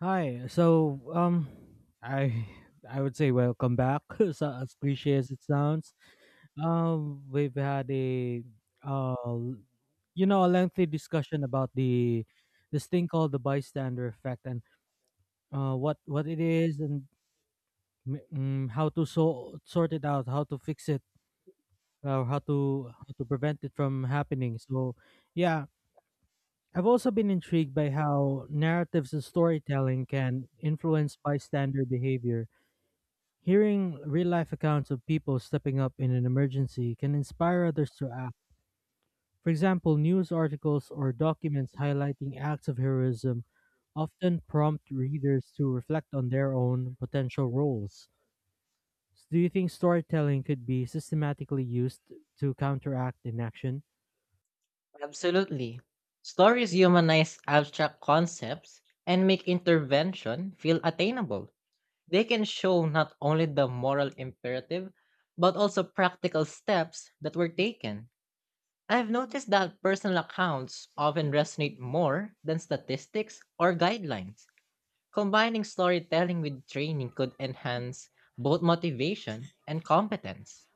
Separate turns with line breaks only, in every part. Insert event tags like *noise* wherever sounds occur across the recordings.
Hi. So, um, I I would say welcome back. *laughs* As cliche as it sounds, we've had a uh, l- a lengthy discussion about the this thing called the bystander effect, and what it is, and how to sort it out, how to fix it, or how to prevent it from happening. Yeah. I've also been intrigued by how narratives and storytelling can influence bystander behavior. Hearing real life accounts of people stepping up in an emergency can inspire others to act. For example, news articles or documents highlighting acts of heroism often prompt readers to reflect on their own potential roles. So do you think storytelling could be systematically used to counteract inaction?
Absolutely. Stories humanize abstract concepts and make intervention feel attainable. They can show not only the moral imperative, but also practical steps that were taken. I've noticed that personal accounts often resonate more than statistics or guidelines. Combining storytelling with training could enhance both motivation and competence.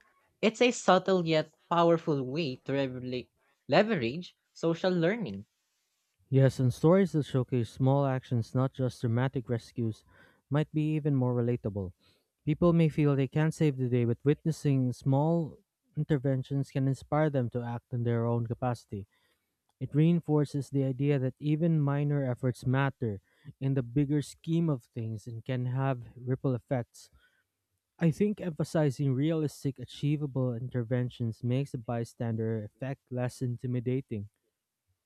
It's a subtle yet powerful way to leverage social learning.
Yes, and stories that showcase small actions, not just dramatic rescues, might be even more relatable. People may feel they can't save the day, but witnessing small interventions can inspire them to act in their own capacity. It reinforces the idea that even minor efforts matter in the bigger scheme of things and can have ripple effects. I think emphasizing realistic, achievable interventions makes the bystander effect less intimidating.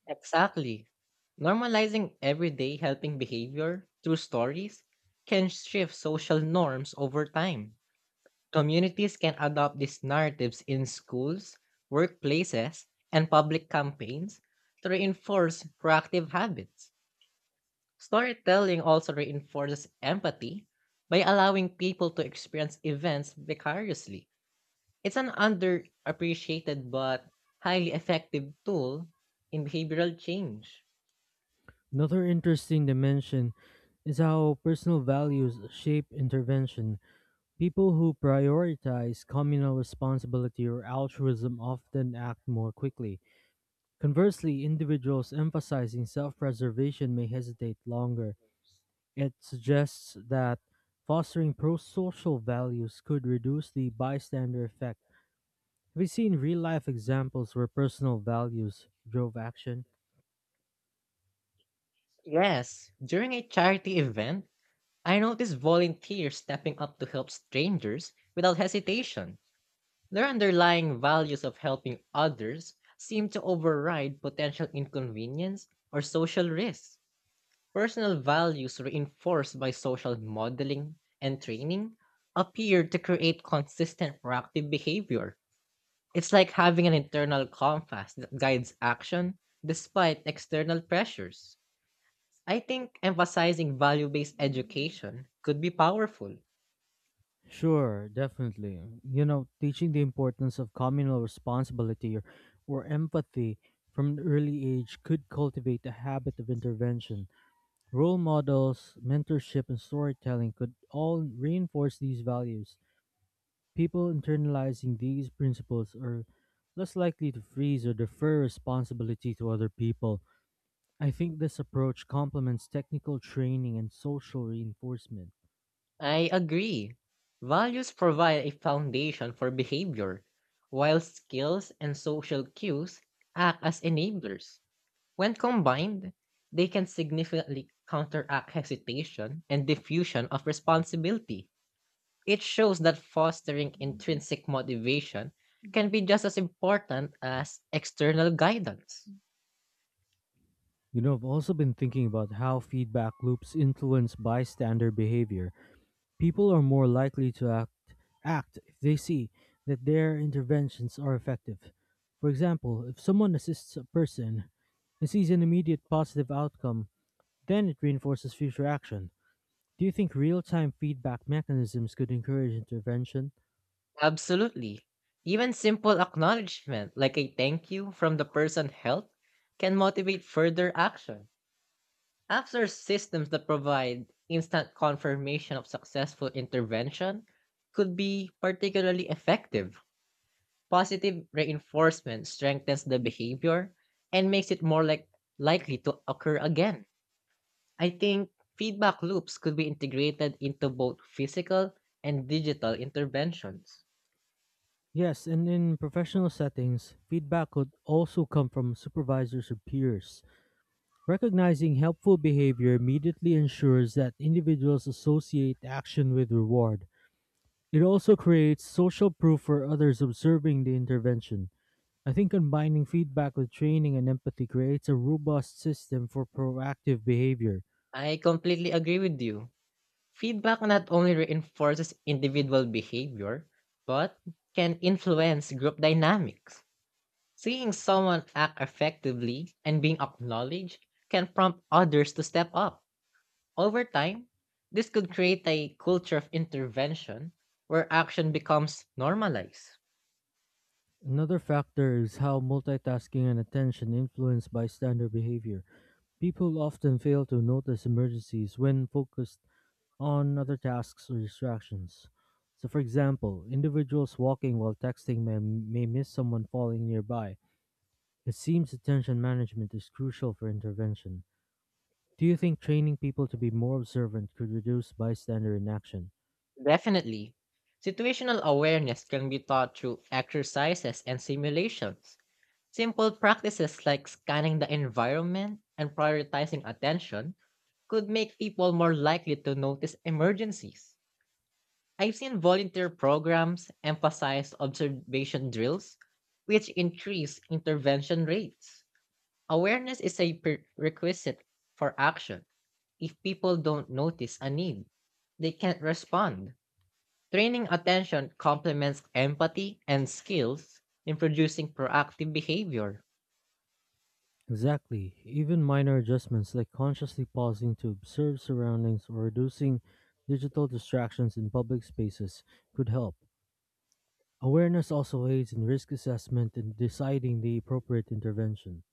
Exactly. Normalizing everyday helping behavior through stories can shift social norms over time. Communities can adopt these narratives in schools, workplaces, and public campaigns to reinforce proactive habits. Storytelling also reinforces empathy by allowing people to experience events vicariously. It's an underappreciated but highly effective tool in behavioral change.
Another interesting dimension is how personal values shape intervention. People who prioritize communal responsibility or altruism often act more quickly. Conversely, individuals emphasizing self preservation may hesitate longer. It suggests that fostering pro social values could reduce the bystander effect. Have you seen real life examples where personal values drove action?
Yes, during a charity event, I noticed volunteers stepping up to help strangers without hesitation. Their underlying values of helping others seem to override potential inconvenience or social risks. Personal values reinforced by social modeling and training appear to create consistent proactive behavior. It's like having an internal compass that guides action despite external pressures. I think emphasizing value based education could be powerful.
Sure, definitely. You know, teaching the importance of communal responsibility or empathy from an early age could cultivate a habit of intervention. Role models, mentorship, and storytelling could all reinforce these values. People internalizing these principles are less likely to freeze or defer responsibility to other people. I think this approach complements technical training and social reinforcement.
I agree. Values provide a foundation for behavior, while skills and social cues act as enablers. When combined, they can significantly counteract hesitation and diffusion of responsibility. It shows that fostering intrinsic motivation can be just as important as external guidance.
You know, I've also been thinking about how feedback loops influence bystander behavior. People are more likely to act if they see that their interventions are effective. For example, if someone assists a person and sees an immediate positive outcome, then it reinforces future action. Do you think real time feedback mechanisms could encourage intervention?
Absolutely. Even simple acknowledgement, like a thank you from the person helped, can motivate further action. Apps are systems that provide instant confirmation of successful intervention could be particularly effective. Positive reinforcement strengthens the behavior and makes it more likely to occur again. I think feedback loops could be integrated into both physical and digital interventions.
Yes, and in professional settings, feedback could also come from supervisors or peers. Recognizing helpful behavior immediately ensures that individuals associate action with reward. It also creates social proof for others observing the intervention. I think combining feedback with training and empathy creates a robust system for proactive behavior.
I completely agree with you. Feedback not only reinforces individual behavior, but can influence group dynamics. Seeing someone act effectively and being acknowledged can prompt others to step up. Over time, this could create a culture of intervention where action becomes normalized.
Another factor is how multitasking and attention influence bystander behavior. People often fail to notice emergencies when focused on other tasks or distractions. So, for example, individuals walking while texting may miss someone falling nearby. It seems attention management is crucial for intervention. Do you think training people to be more observant could reduce bystander inaction?
Definitely, situational awareness can be taught through exercises and simulations. Simple practices like scanning the environment and prioritizing attention could make people more likely to notice emergencies. I've seen volunteer programs emphasize observation drills, which increase intervention rates. Awareness is a prerequisite for action. If people don't notice a need, they can't respond. Training attention complements empathy and skills in producing proactive behavior.
Exactly. Even minor adjustments like consciously pausing to observe surroundings or reducing digital distractions in public spaces could help. Awareness also aids in risk assessment and deciding the appropriate intervention.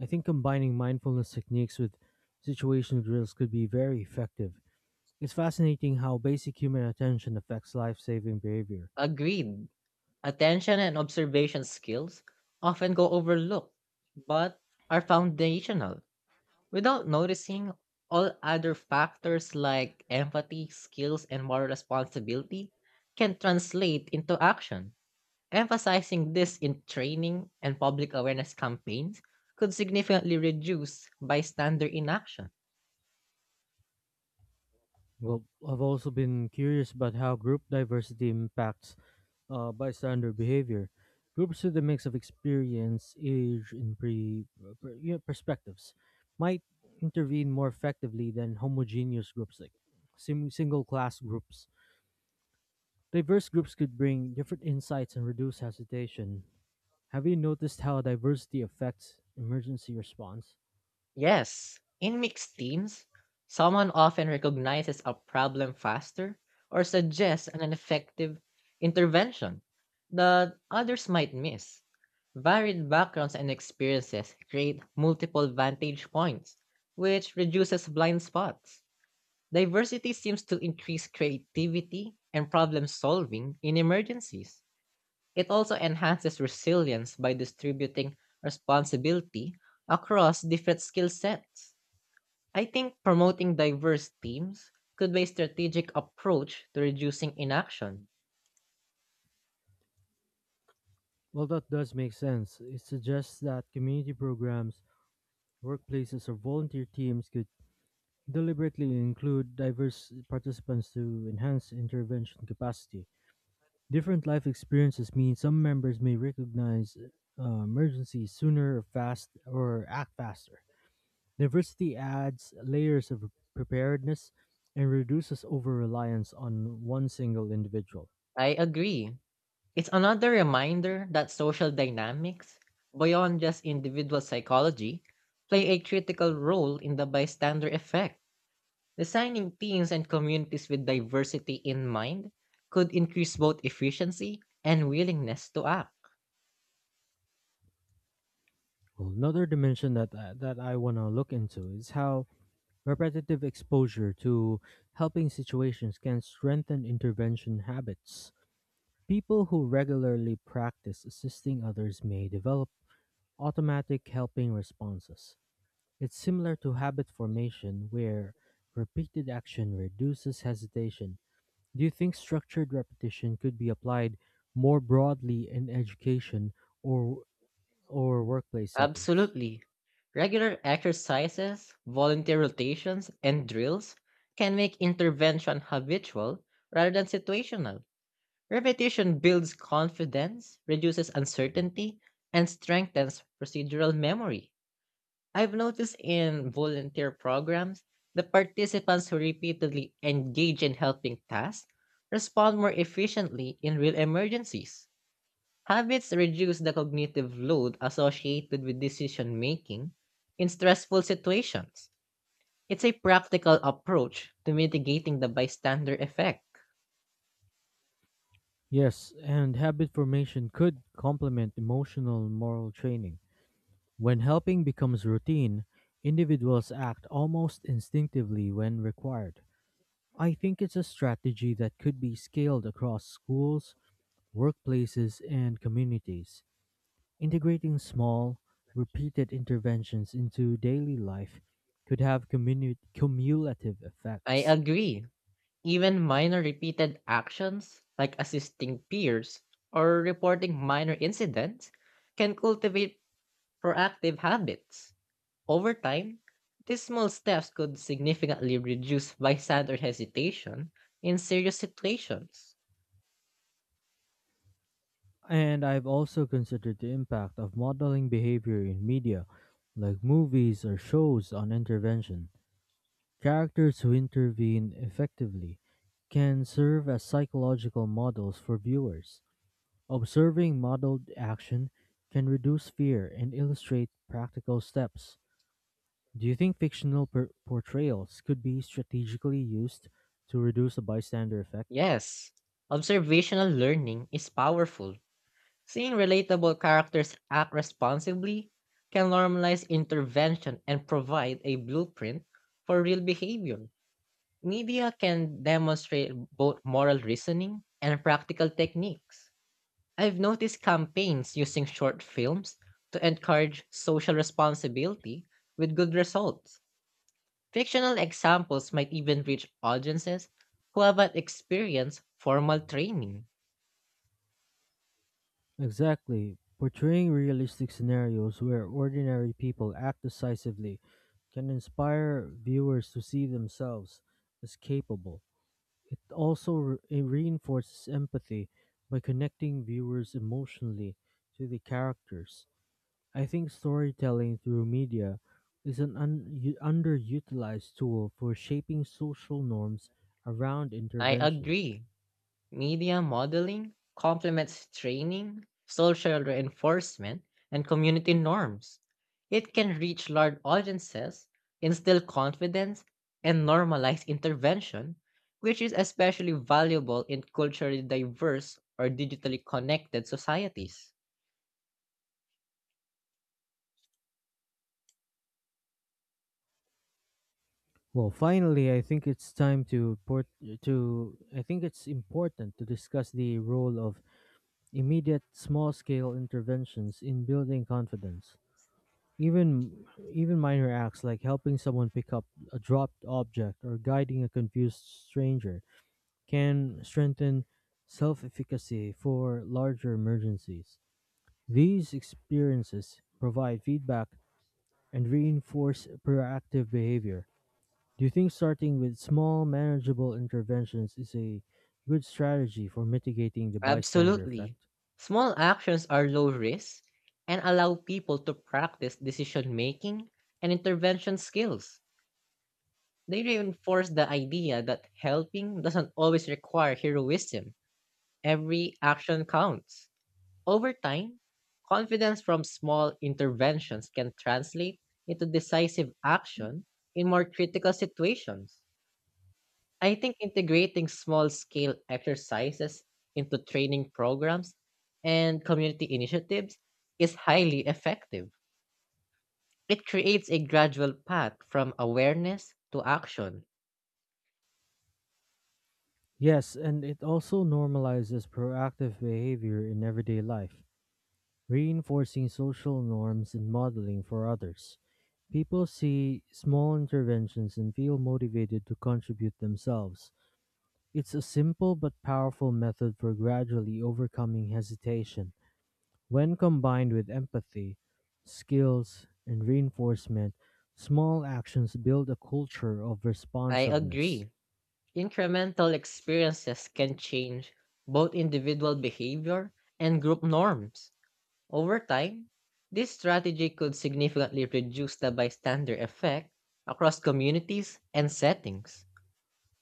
I think combining mindfulness techniques with situational drills could be very effective. It's fascinating how basic human attention affects life saving behavior.
Agreed. Attention and observation skills often go overlooked, but are foundational. Without noticing, all other factors like empathy, skills, and moral responsibility can translate into action. Emphasizing this in training and public awareness campaigns could significantly reduce bystander inaction.
Well, I've also been curious about how group diversity impacts bystander behavior. Groups with a mix of experience, age, and pre, per, you know, perspectives might intervene more effectively than homogeneous groups like single class groups. Diverse groups could bring different insights and reduce hesitation. Have you noticed how diversity affects emergency response?
Yes, in mixed teams, someone often recognizes a problem faster or suggests an effective intervention that others might miss. Varied backgrounds and experiences create multiple vantage points, which reduces blind spots. Diversity seems to increase creativity and problem solving in emergencies. It also enhances resilience by distributing responsibility across different skill sets. I think promoting diverse teams could be a strategic approach to reducing inaction.
Well, that does make sense. It suggests that community programs, workplaces, or volunteer teams could deliberately include diverse participants to enhance intervention capacity. Different life experiences mean some members may recognize emergencies sooner, or fast or act faster. Diversity adds layers of preparedness and reduces over reliance on one single individual.
I agree. It's another reminder that social dynamics, beyond just individual psychology, play a critical role in the bystander effect. Designing teams and communities with diversity in mind could increase both efficiency and willingness to act.
Well, another dimension that I want to look into is how repetitive exposure to helping situations can strengthen intervention habits. People who regularly practice assisting others may develop automatic helping responses. It's similar to habit formation where repeated action reduces hesitation. Do you think structured repetition could be applied more broadly in education or workplace settings?
Absolutely. Regular exercises, volunteer rotations, and drills can make intervention habitual rather than situational. Repetition builds confidence, reduces uncertainty, and strengthens procedural memory. I've noticed in volunteer programs that participants who repeatedly engage in helping tasks respond more efficiently in real emergencies. Habits reduce the cognitive load associated with decision making in stressful situations. It's a practical approach to mitigating the bystander effect.
Yes, and habit formation could complement emotional moral training. When helping becomes routine, individuals act almost instinctively when required. I think it's a strategy that could be scaled across schools, workplaces, and communities. Integrating small, repeated interventions into daily life could have cumulative
I
effects.
agree. Even minor repeated actions, like assisting peers or reporting minor incidents, can cultivate proactive habits. Over time, these small steps could significantly reduce bystander hesitation in serious situations.
And I've also considered the impact of modeling behavior in media, like movies or shows on intervention. Characters who intervene effectively can serve as psychological models for viewers. Observing modeled action can reduce fear and illustrate practical steps. Do you think fictional portrayals could be strategically used to reduce a bystander effect?
Yes, observational learning is powerful. Seeing relatable characters act responsibly can normalize intervention and provide a blueprint for real behavior. Media can demonstrate both moral reasoning and practical techniques. I've noticed campaigns using short films to encourage social responsibility with good results. Fictional examples might even reach audiences who haven't experienced formal training.
Exactly. Portraying realistic scenarios where ordinary people act decisively can inspire viewers to see themselves as capable. It also it reinforces empathy by connecting viewers emotionally to the characters. I think storytelling through media is an underutilized tool for shaping social norms around
I
intervention.
agree. Media modeling complements training, social reinforcement, and community norms. It can reach large audiences, instill confidence, and normalize intervention, which is especially valuable in culturally diverse or digitally connected societies.
Well, finally, I think it's important to discuss the role of immediate small-scale interventions in building confidence. Even even minor acts like helping someone pick up a dropped object or guiding a confused stranger can strengthen self-efficacy for larger emergencies. These experiences provide feedback and reinforce proactive behavior. Do you think starting with small, manageable interventions is a good strategy for mitigating the bystander effect?
Absolutely. Small actions are low risk and allow people to practice decision making and intervention skills. They reinforce the idea that helping doesn't always require heroism. Every action counts. Over time, confidence from small interventions can translate into decisive action in more critical situations. I think integrating small scale exercises into training programs and community initiatives is highly effective. It creates a gradual path from awareness to action.
Yes, and it also normalizes proactive behavior in everyday life, reinforcing social norms and modeling for others. People see small interventions and feel motivated to contribute themselves. It's a simple but powerful method for gradually overcoming hesitation. When combined with empathy, skills, and reinforcement, small actions build a culture of
I
responsiveness.
agree. Incremental experiences can change both individual behavior and group norms. Over time, this strategy could significantly reduce the bystander effect across communities and settings.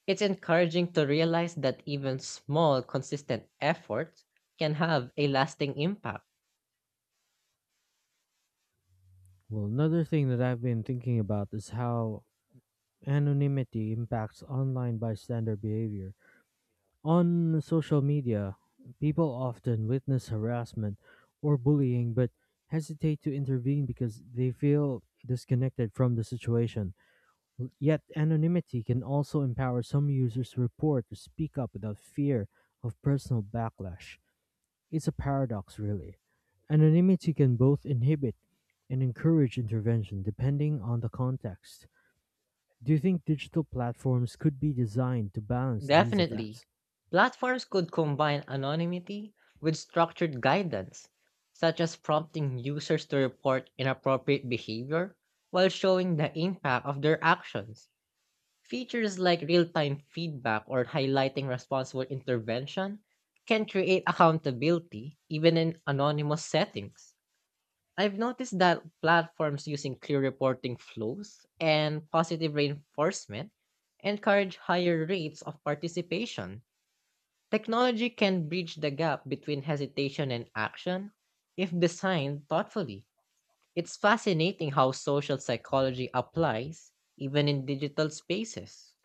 It's encouraging to realize that even small, consistent efforts can have a lasting impact.
Well, another thing that I've been thinking about is how anonymity impacts online bystander behavior. On social media, people often witness harassment or bullying but hesitate to intervene because they feel disconnected from the situation. Yet anonymity can also empower some users to report or speak up without fear of personal backlash. It's a paradox, really. Anonymity can both inhibit and encourage intervention depending on the context. Do you think digital platforms could be designed to balance these
Definitely.
effects?
Platforms could combine anonymity with structured guidance, such as prompting users to report inappropriate behavior while showing the impact of their actions. Features like real time feedback or highlighting responsible intervention can create accountability even in anonymous settings. I've noticed that platforms using clear reporting flows and positive reinforcement encourage higher rates of participation. Technology can bridge the gap between hesitation and action if designed thoughtfully. It's fascinating how social psychology applies even in digital spaces.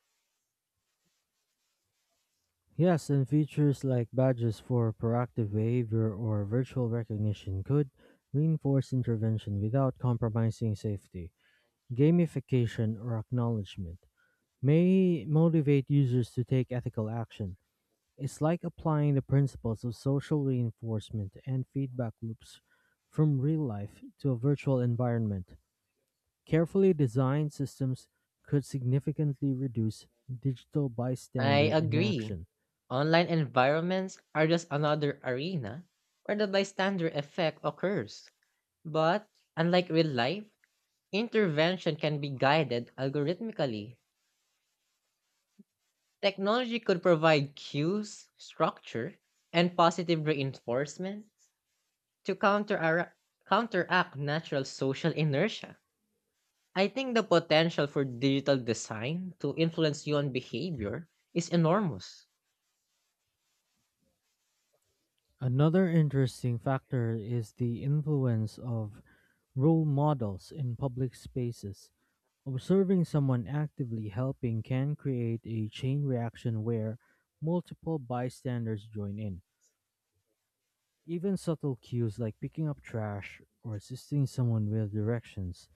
Yes, and features like badges for proactive behavior or virtual recognition could reinforce intervention without compromising safety. Gamification or acknowledgement may motivate users to take ethical action. It's like applying the principles of social reinforcement and feedback loops from real life to a virtual environment. Carefully designed systems could significantly reduce digital
I
bystander
agree.
inaction.
Online environments are just another arena where the bystander effect occurs. But unlike real life, intervention can be guided algorithmically. Technology could provide cues, structure, and positive reinforcement to counteract natural social inertia. I think the potential for digital design to influence human behavior is enormous.
Another interesting factor is the influence of role models in public spaces. Observing someone actively helping can create a chain reaction where multiple bystanders join in. Even subtle cues like picking up trash or assisting someone with directions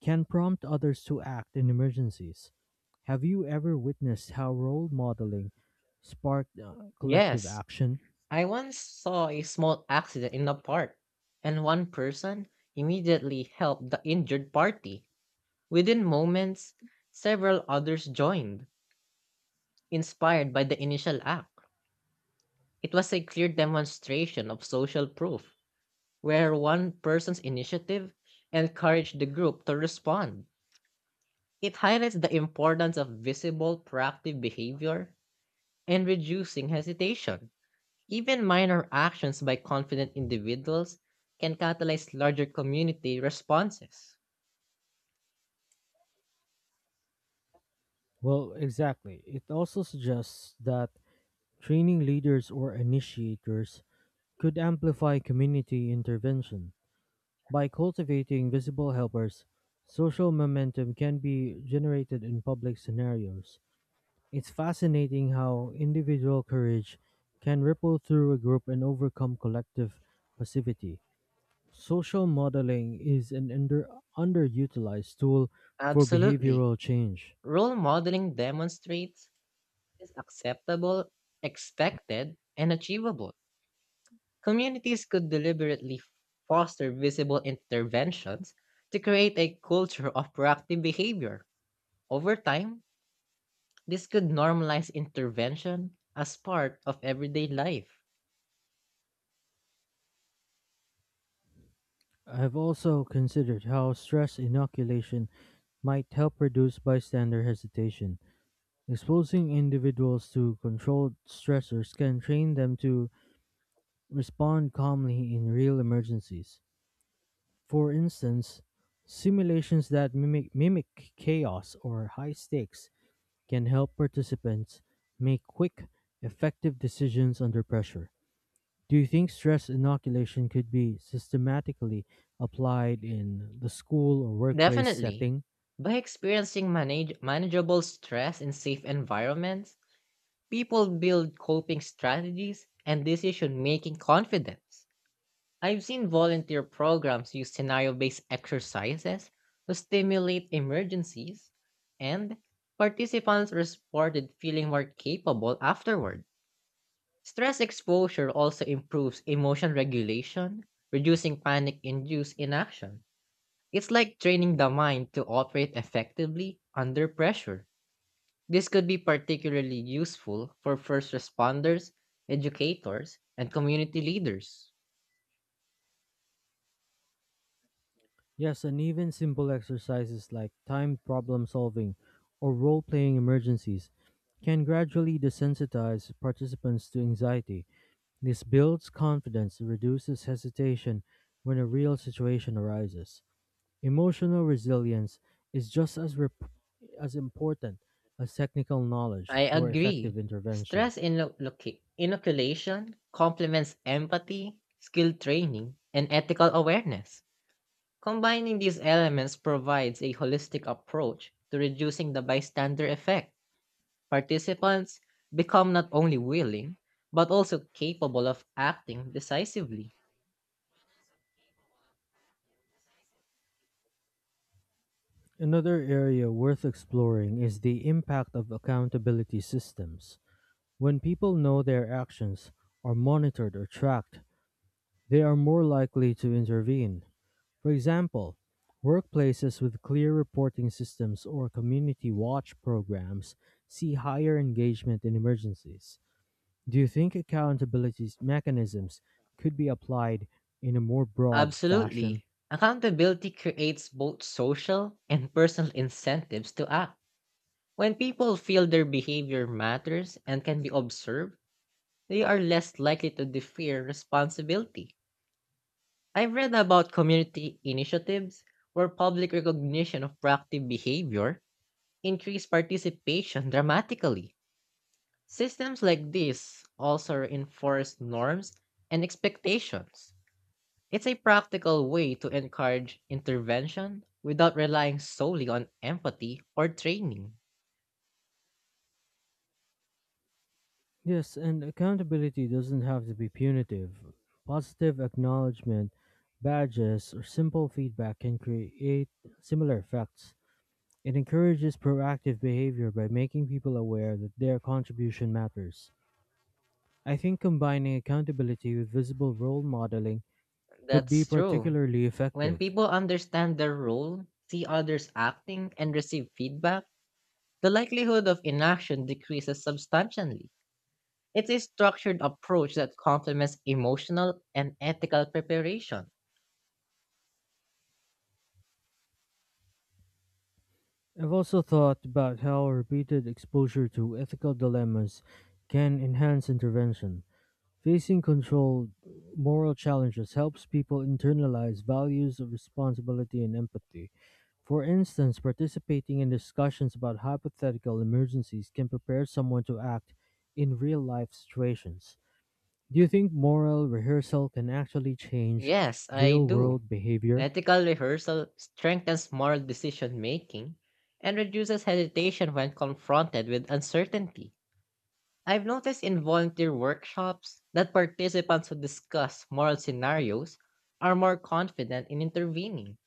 can prompt others to act in emergencies. Have you ever witnessed how role modeling sparked collective
Yes,
action?
I once saw a small accident in a park, and one person immediately helped the injured party. Within moments, several others joined, inspired by the initial act. It was a clear demonstration of social proof where one person's initiative encouraged the group to respond. It highlights the importance of visible proactive behavior and reducing hesitation. Even minor actions by confident individuals can catalyze larger community responses.
Well, exactly. It also suggests that training leaders or initiators could amplify community intervention. By cultivating visible helpers, social momentum can be generated in public scenarios. It's fascinating how individual courage can ripple through a group and overcome collective passivity. Social modeling is an underutilized tool for
Absolutely.
behavioral change.
Role modeling demonstrates what is acceptable, expected, and achievable. Communities could deliberately foster visible interventions to create a culture of proactive behavior. Over time, this could normalize intervention as part of everyday life.
I've also considered how stress inoculation might help reduce bystander hesitation. Exposing individuals to controlled stressors can train them to respond calmly in real emergencies. For instance, simulations that mimic chaos or high stakes can help participants make quick, effective decisions under pressure. Do you think stress inoculation could be systematically applied in the school or workplace
Definitely,
setting?
by experiencing manageable stress in safe environments, people build coping strategies and decision making confidence. I've seen volunteer programs use scenario based exercises to stimulate emergencies, and participants reported feeling more capable afterward. Stress exposure also improves emotion regulation, reducing panic induced inaction. It's like training the mind to operate effectively under pressure. This could be particularly useful for first responders, educators, and community leaders.
Yes, and even simple exercises like timed problem solving or role playing emergencies can gradually desensitize participants to anxiety. This builds confidence and reduces hesitation when a real situation arises. Emotional resilience is as important as technical knowledge
I
for effective
agree.
intervention.
Stress inoc- inoculation complements empathy, skill training, and ethical awareness. Combining these elements provides a holistic approach to reducing the bystander effect. Participants become not only willing, but also capable of acting decisively.
Another area worth exploring is the impact of accountability systems. When people know their actions are monitored or tracked, they are more likely to intervene. For example, workplaces with clear reporting systems or community watch programs see higher engagement in emergencies. Do you think accountability mechanisms could be applied in a more broad fashion?
Absolutely. Accountability creates both social and personal incentives to act. When people feel their behavior matters and can be observed, they are less likely to defer responsibility. I've read about community initiatives where public recognition of proactive behavior increased participation dramatically. Systems like this also reinforce norms and expectations. It's a practical way to encourage intervention without relying solely on empathy or training.
Yes, and accountability doesn't have to be punitive. Positive acknowledgement, badges, or simple feedback can create similar effects. It encourages proactive behavior by making people aware that their contribution matters. I think combining accountability with visible role modeling could be
That's true.
particularly
When
effective.
people understand their role, see others acting, and receive feedback, the likelihood of inaction decreases substantially. It's a structured approach that complements emotional and ethical preparation.
I've also thought about how repeated exposure to ethical dilemmas can enhance intervention. Facing controlled moral challenges helps people internalize values of responsibility and empathy. For instance, participating in discussions about hypothetical emergencies can prepare someone to act in real life situations. Do you think moral rehearsal can actually change
Yes, I
real
do.
world behavior?
Ethical rehearsal strengthens moral decision making and reduces hesitation when confronted with uncertainty. I've noticed in volunteer workshops that participants who discuss moral scenarios are more confident in intervening.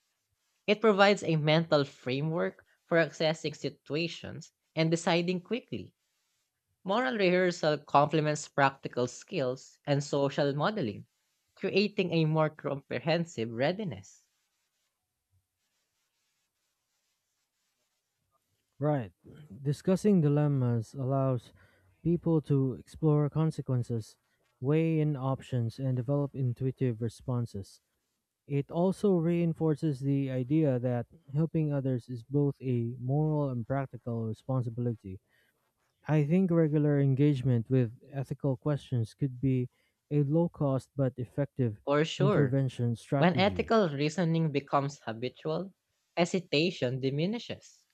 It provides a mental framework for accessing situations and deciding quickly. Moral rehearsal complements practical skills and social modeling, creating a more comprehensive readiness.
Right. Discussing dilemmas allows people to explore consequences, weigh in options, and develop intuitive responses. It also reinforces the idea that helping others is both a moral and practical responsibility. I think regular engagement with ethical questions could be a low cost but effective
For sure,
intervention
when
strategy.
ethical reasoning becomes habitual, hesitation diminishes.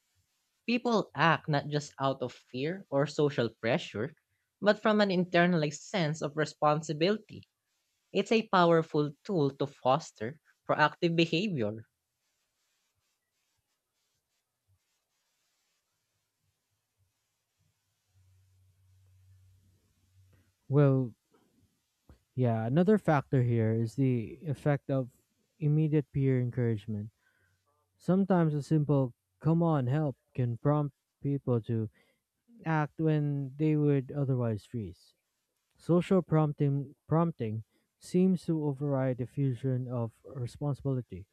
People act not just out of fear or social pressure, but from an internalized sense of responsibility. It's a powerful tool to foster proactive behavior.
Well, yeah, another factor here is the effect of immediate peer encouragement. Sometimes a simple come on help can prompt people to act when they would otherwise freeze. Social prompting seems to override the fusion of responsibility.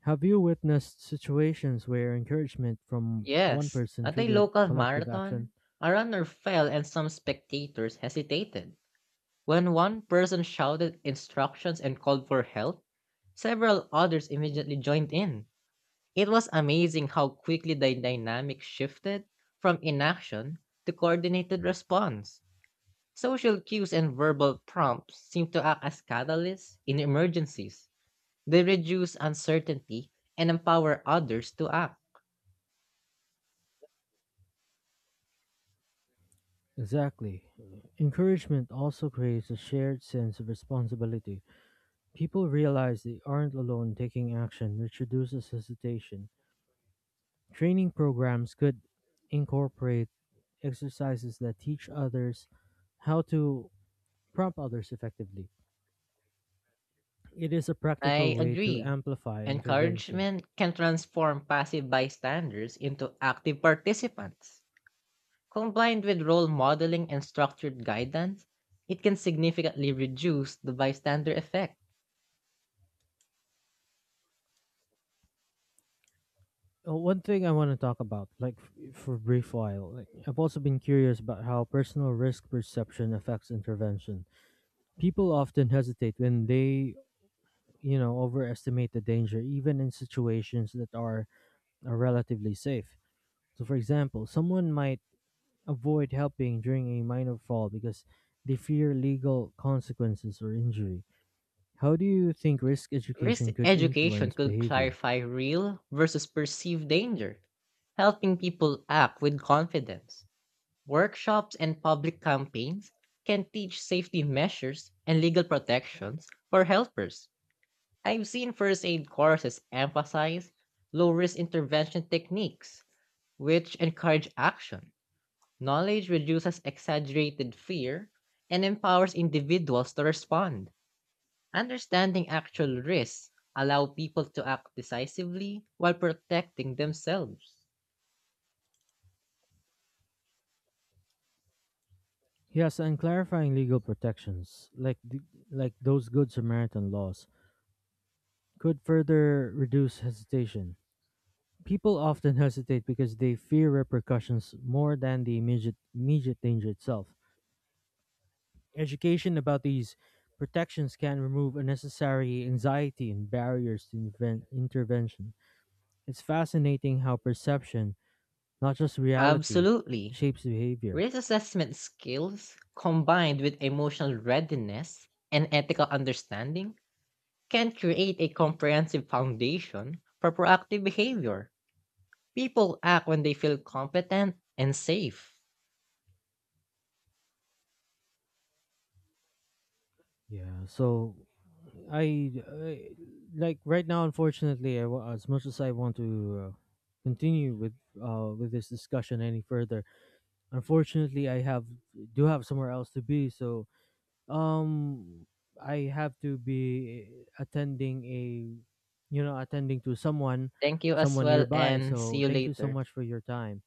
Have you witnessed situations where encouragement from one
Yes,
person
at a
triggered
local
collective action?
marathon, a runner fell and some spectators hesitated. When one person shouted instructions and called for help, several others immediately joined in. It was amazing how quickly the dynamic shifted from inaction to coordinated response. Social cues and verbal prompts seem to act as catalysts in emergencies. They reduce uncertainty and empower others to act.
Exactly. Encouragement also creates a shared sense of responsibility. People realize they aren't alone taking action, which reduces hesitation. Training programs could incorporate exercises that teach others how to prompt others effectively. It is a practical
I
way to
agree.
amplify intervention.
Encouragement can transform passive bystanders into active participants. Combined with role modeling and structured guidance, it can significantly reduce the bystander effect.
One thing I want to talk about, like for a brief while, like I've also been curious about how personal risk perception affects intervention. People often hesitate when they you know, overestimate the danger, even in situations that are relatively safe. So, for example, someone might avoid helping during a minor fall because they fear legal consequences or injury. How do you think risk
Risk
education could
education
influence
could
behavior?
clarify real versus perceived danger, helping people act with confidence. Workshops and public campaigns can teach safety measures and legal protections for helpers. I've seen first aid courses emphasize low risk intervention techniques, which encourage action. Knowledge reduces exaggerated fear and empowers individuals to respond. Understanding actual risks allow people to act decisively while protecting themselves.
Yes, and clarifying legal protections, like like those Good Samaritan laws, could further reduce hesitation. People often hesitate because they fear repercussions more than the immediate danger itself. Education about these protections can remove unnecessary anxiety and barriers to intervention. It's fascinating how perception, not just reality,
Absolutely.
shapes behavior.
Risk assessment skills combined with emotional readiness and ethical understanding can create a comprehensive foundation for proactive behavior. People act when they feel competent and safe.
Yeah, so I like right now. Unfortunately, as much as I want to continue with this discussion any further, unfortunately, I have do have somewhere else to be. So um, I have to be attending attending to someone,
Thank you as
someone
well,
nearby.
and see
So
you
thank you so
later.
much for your time.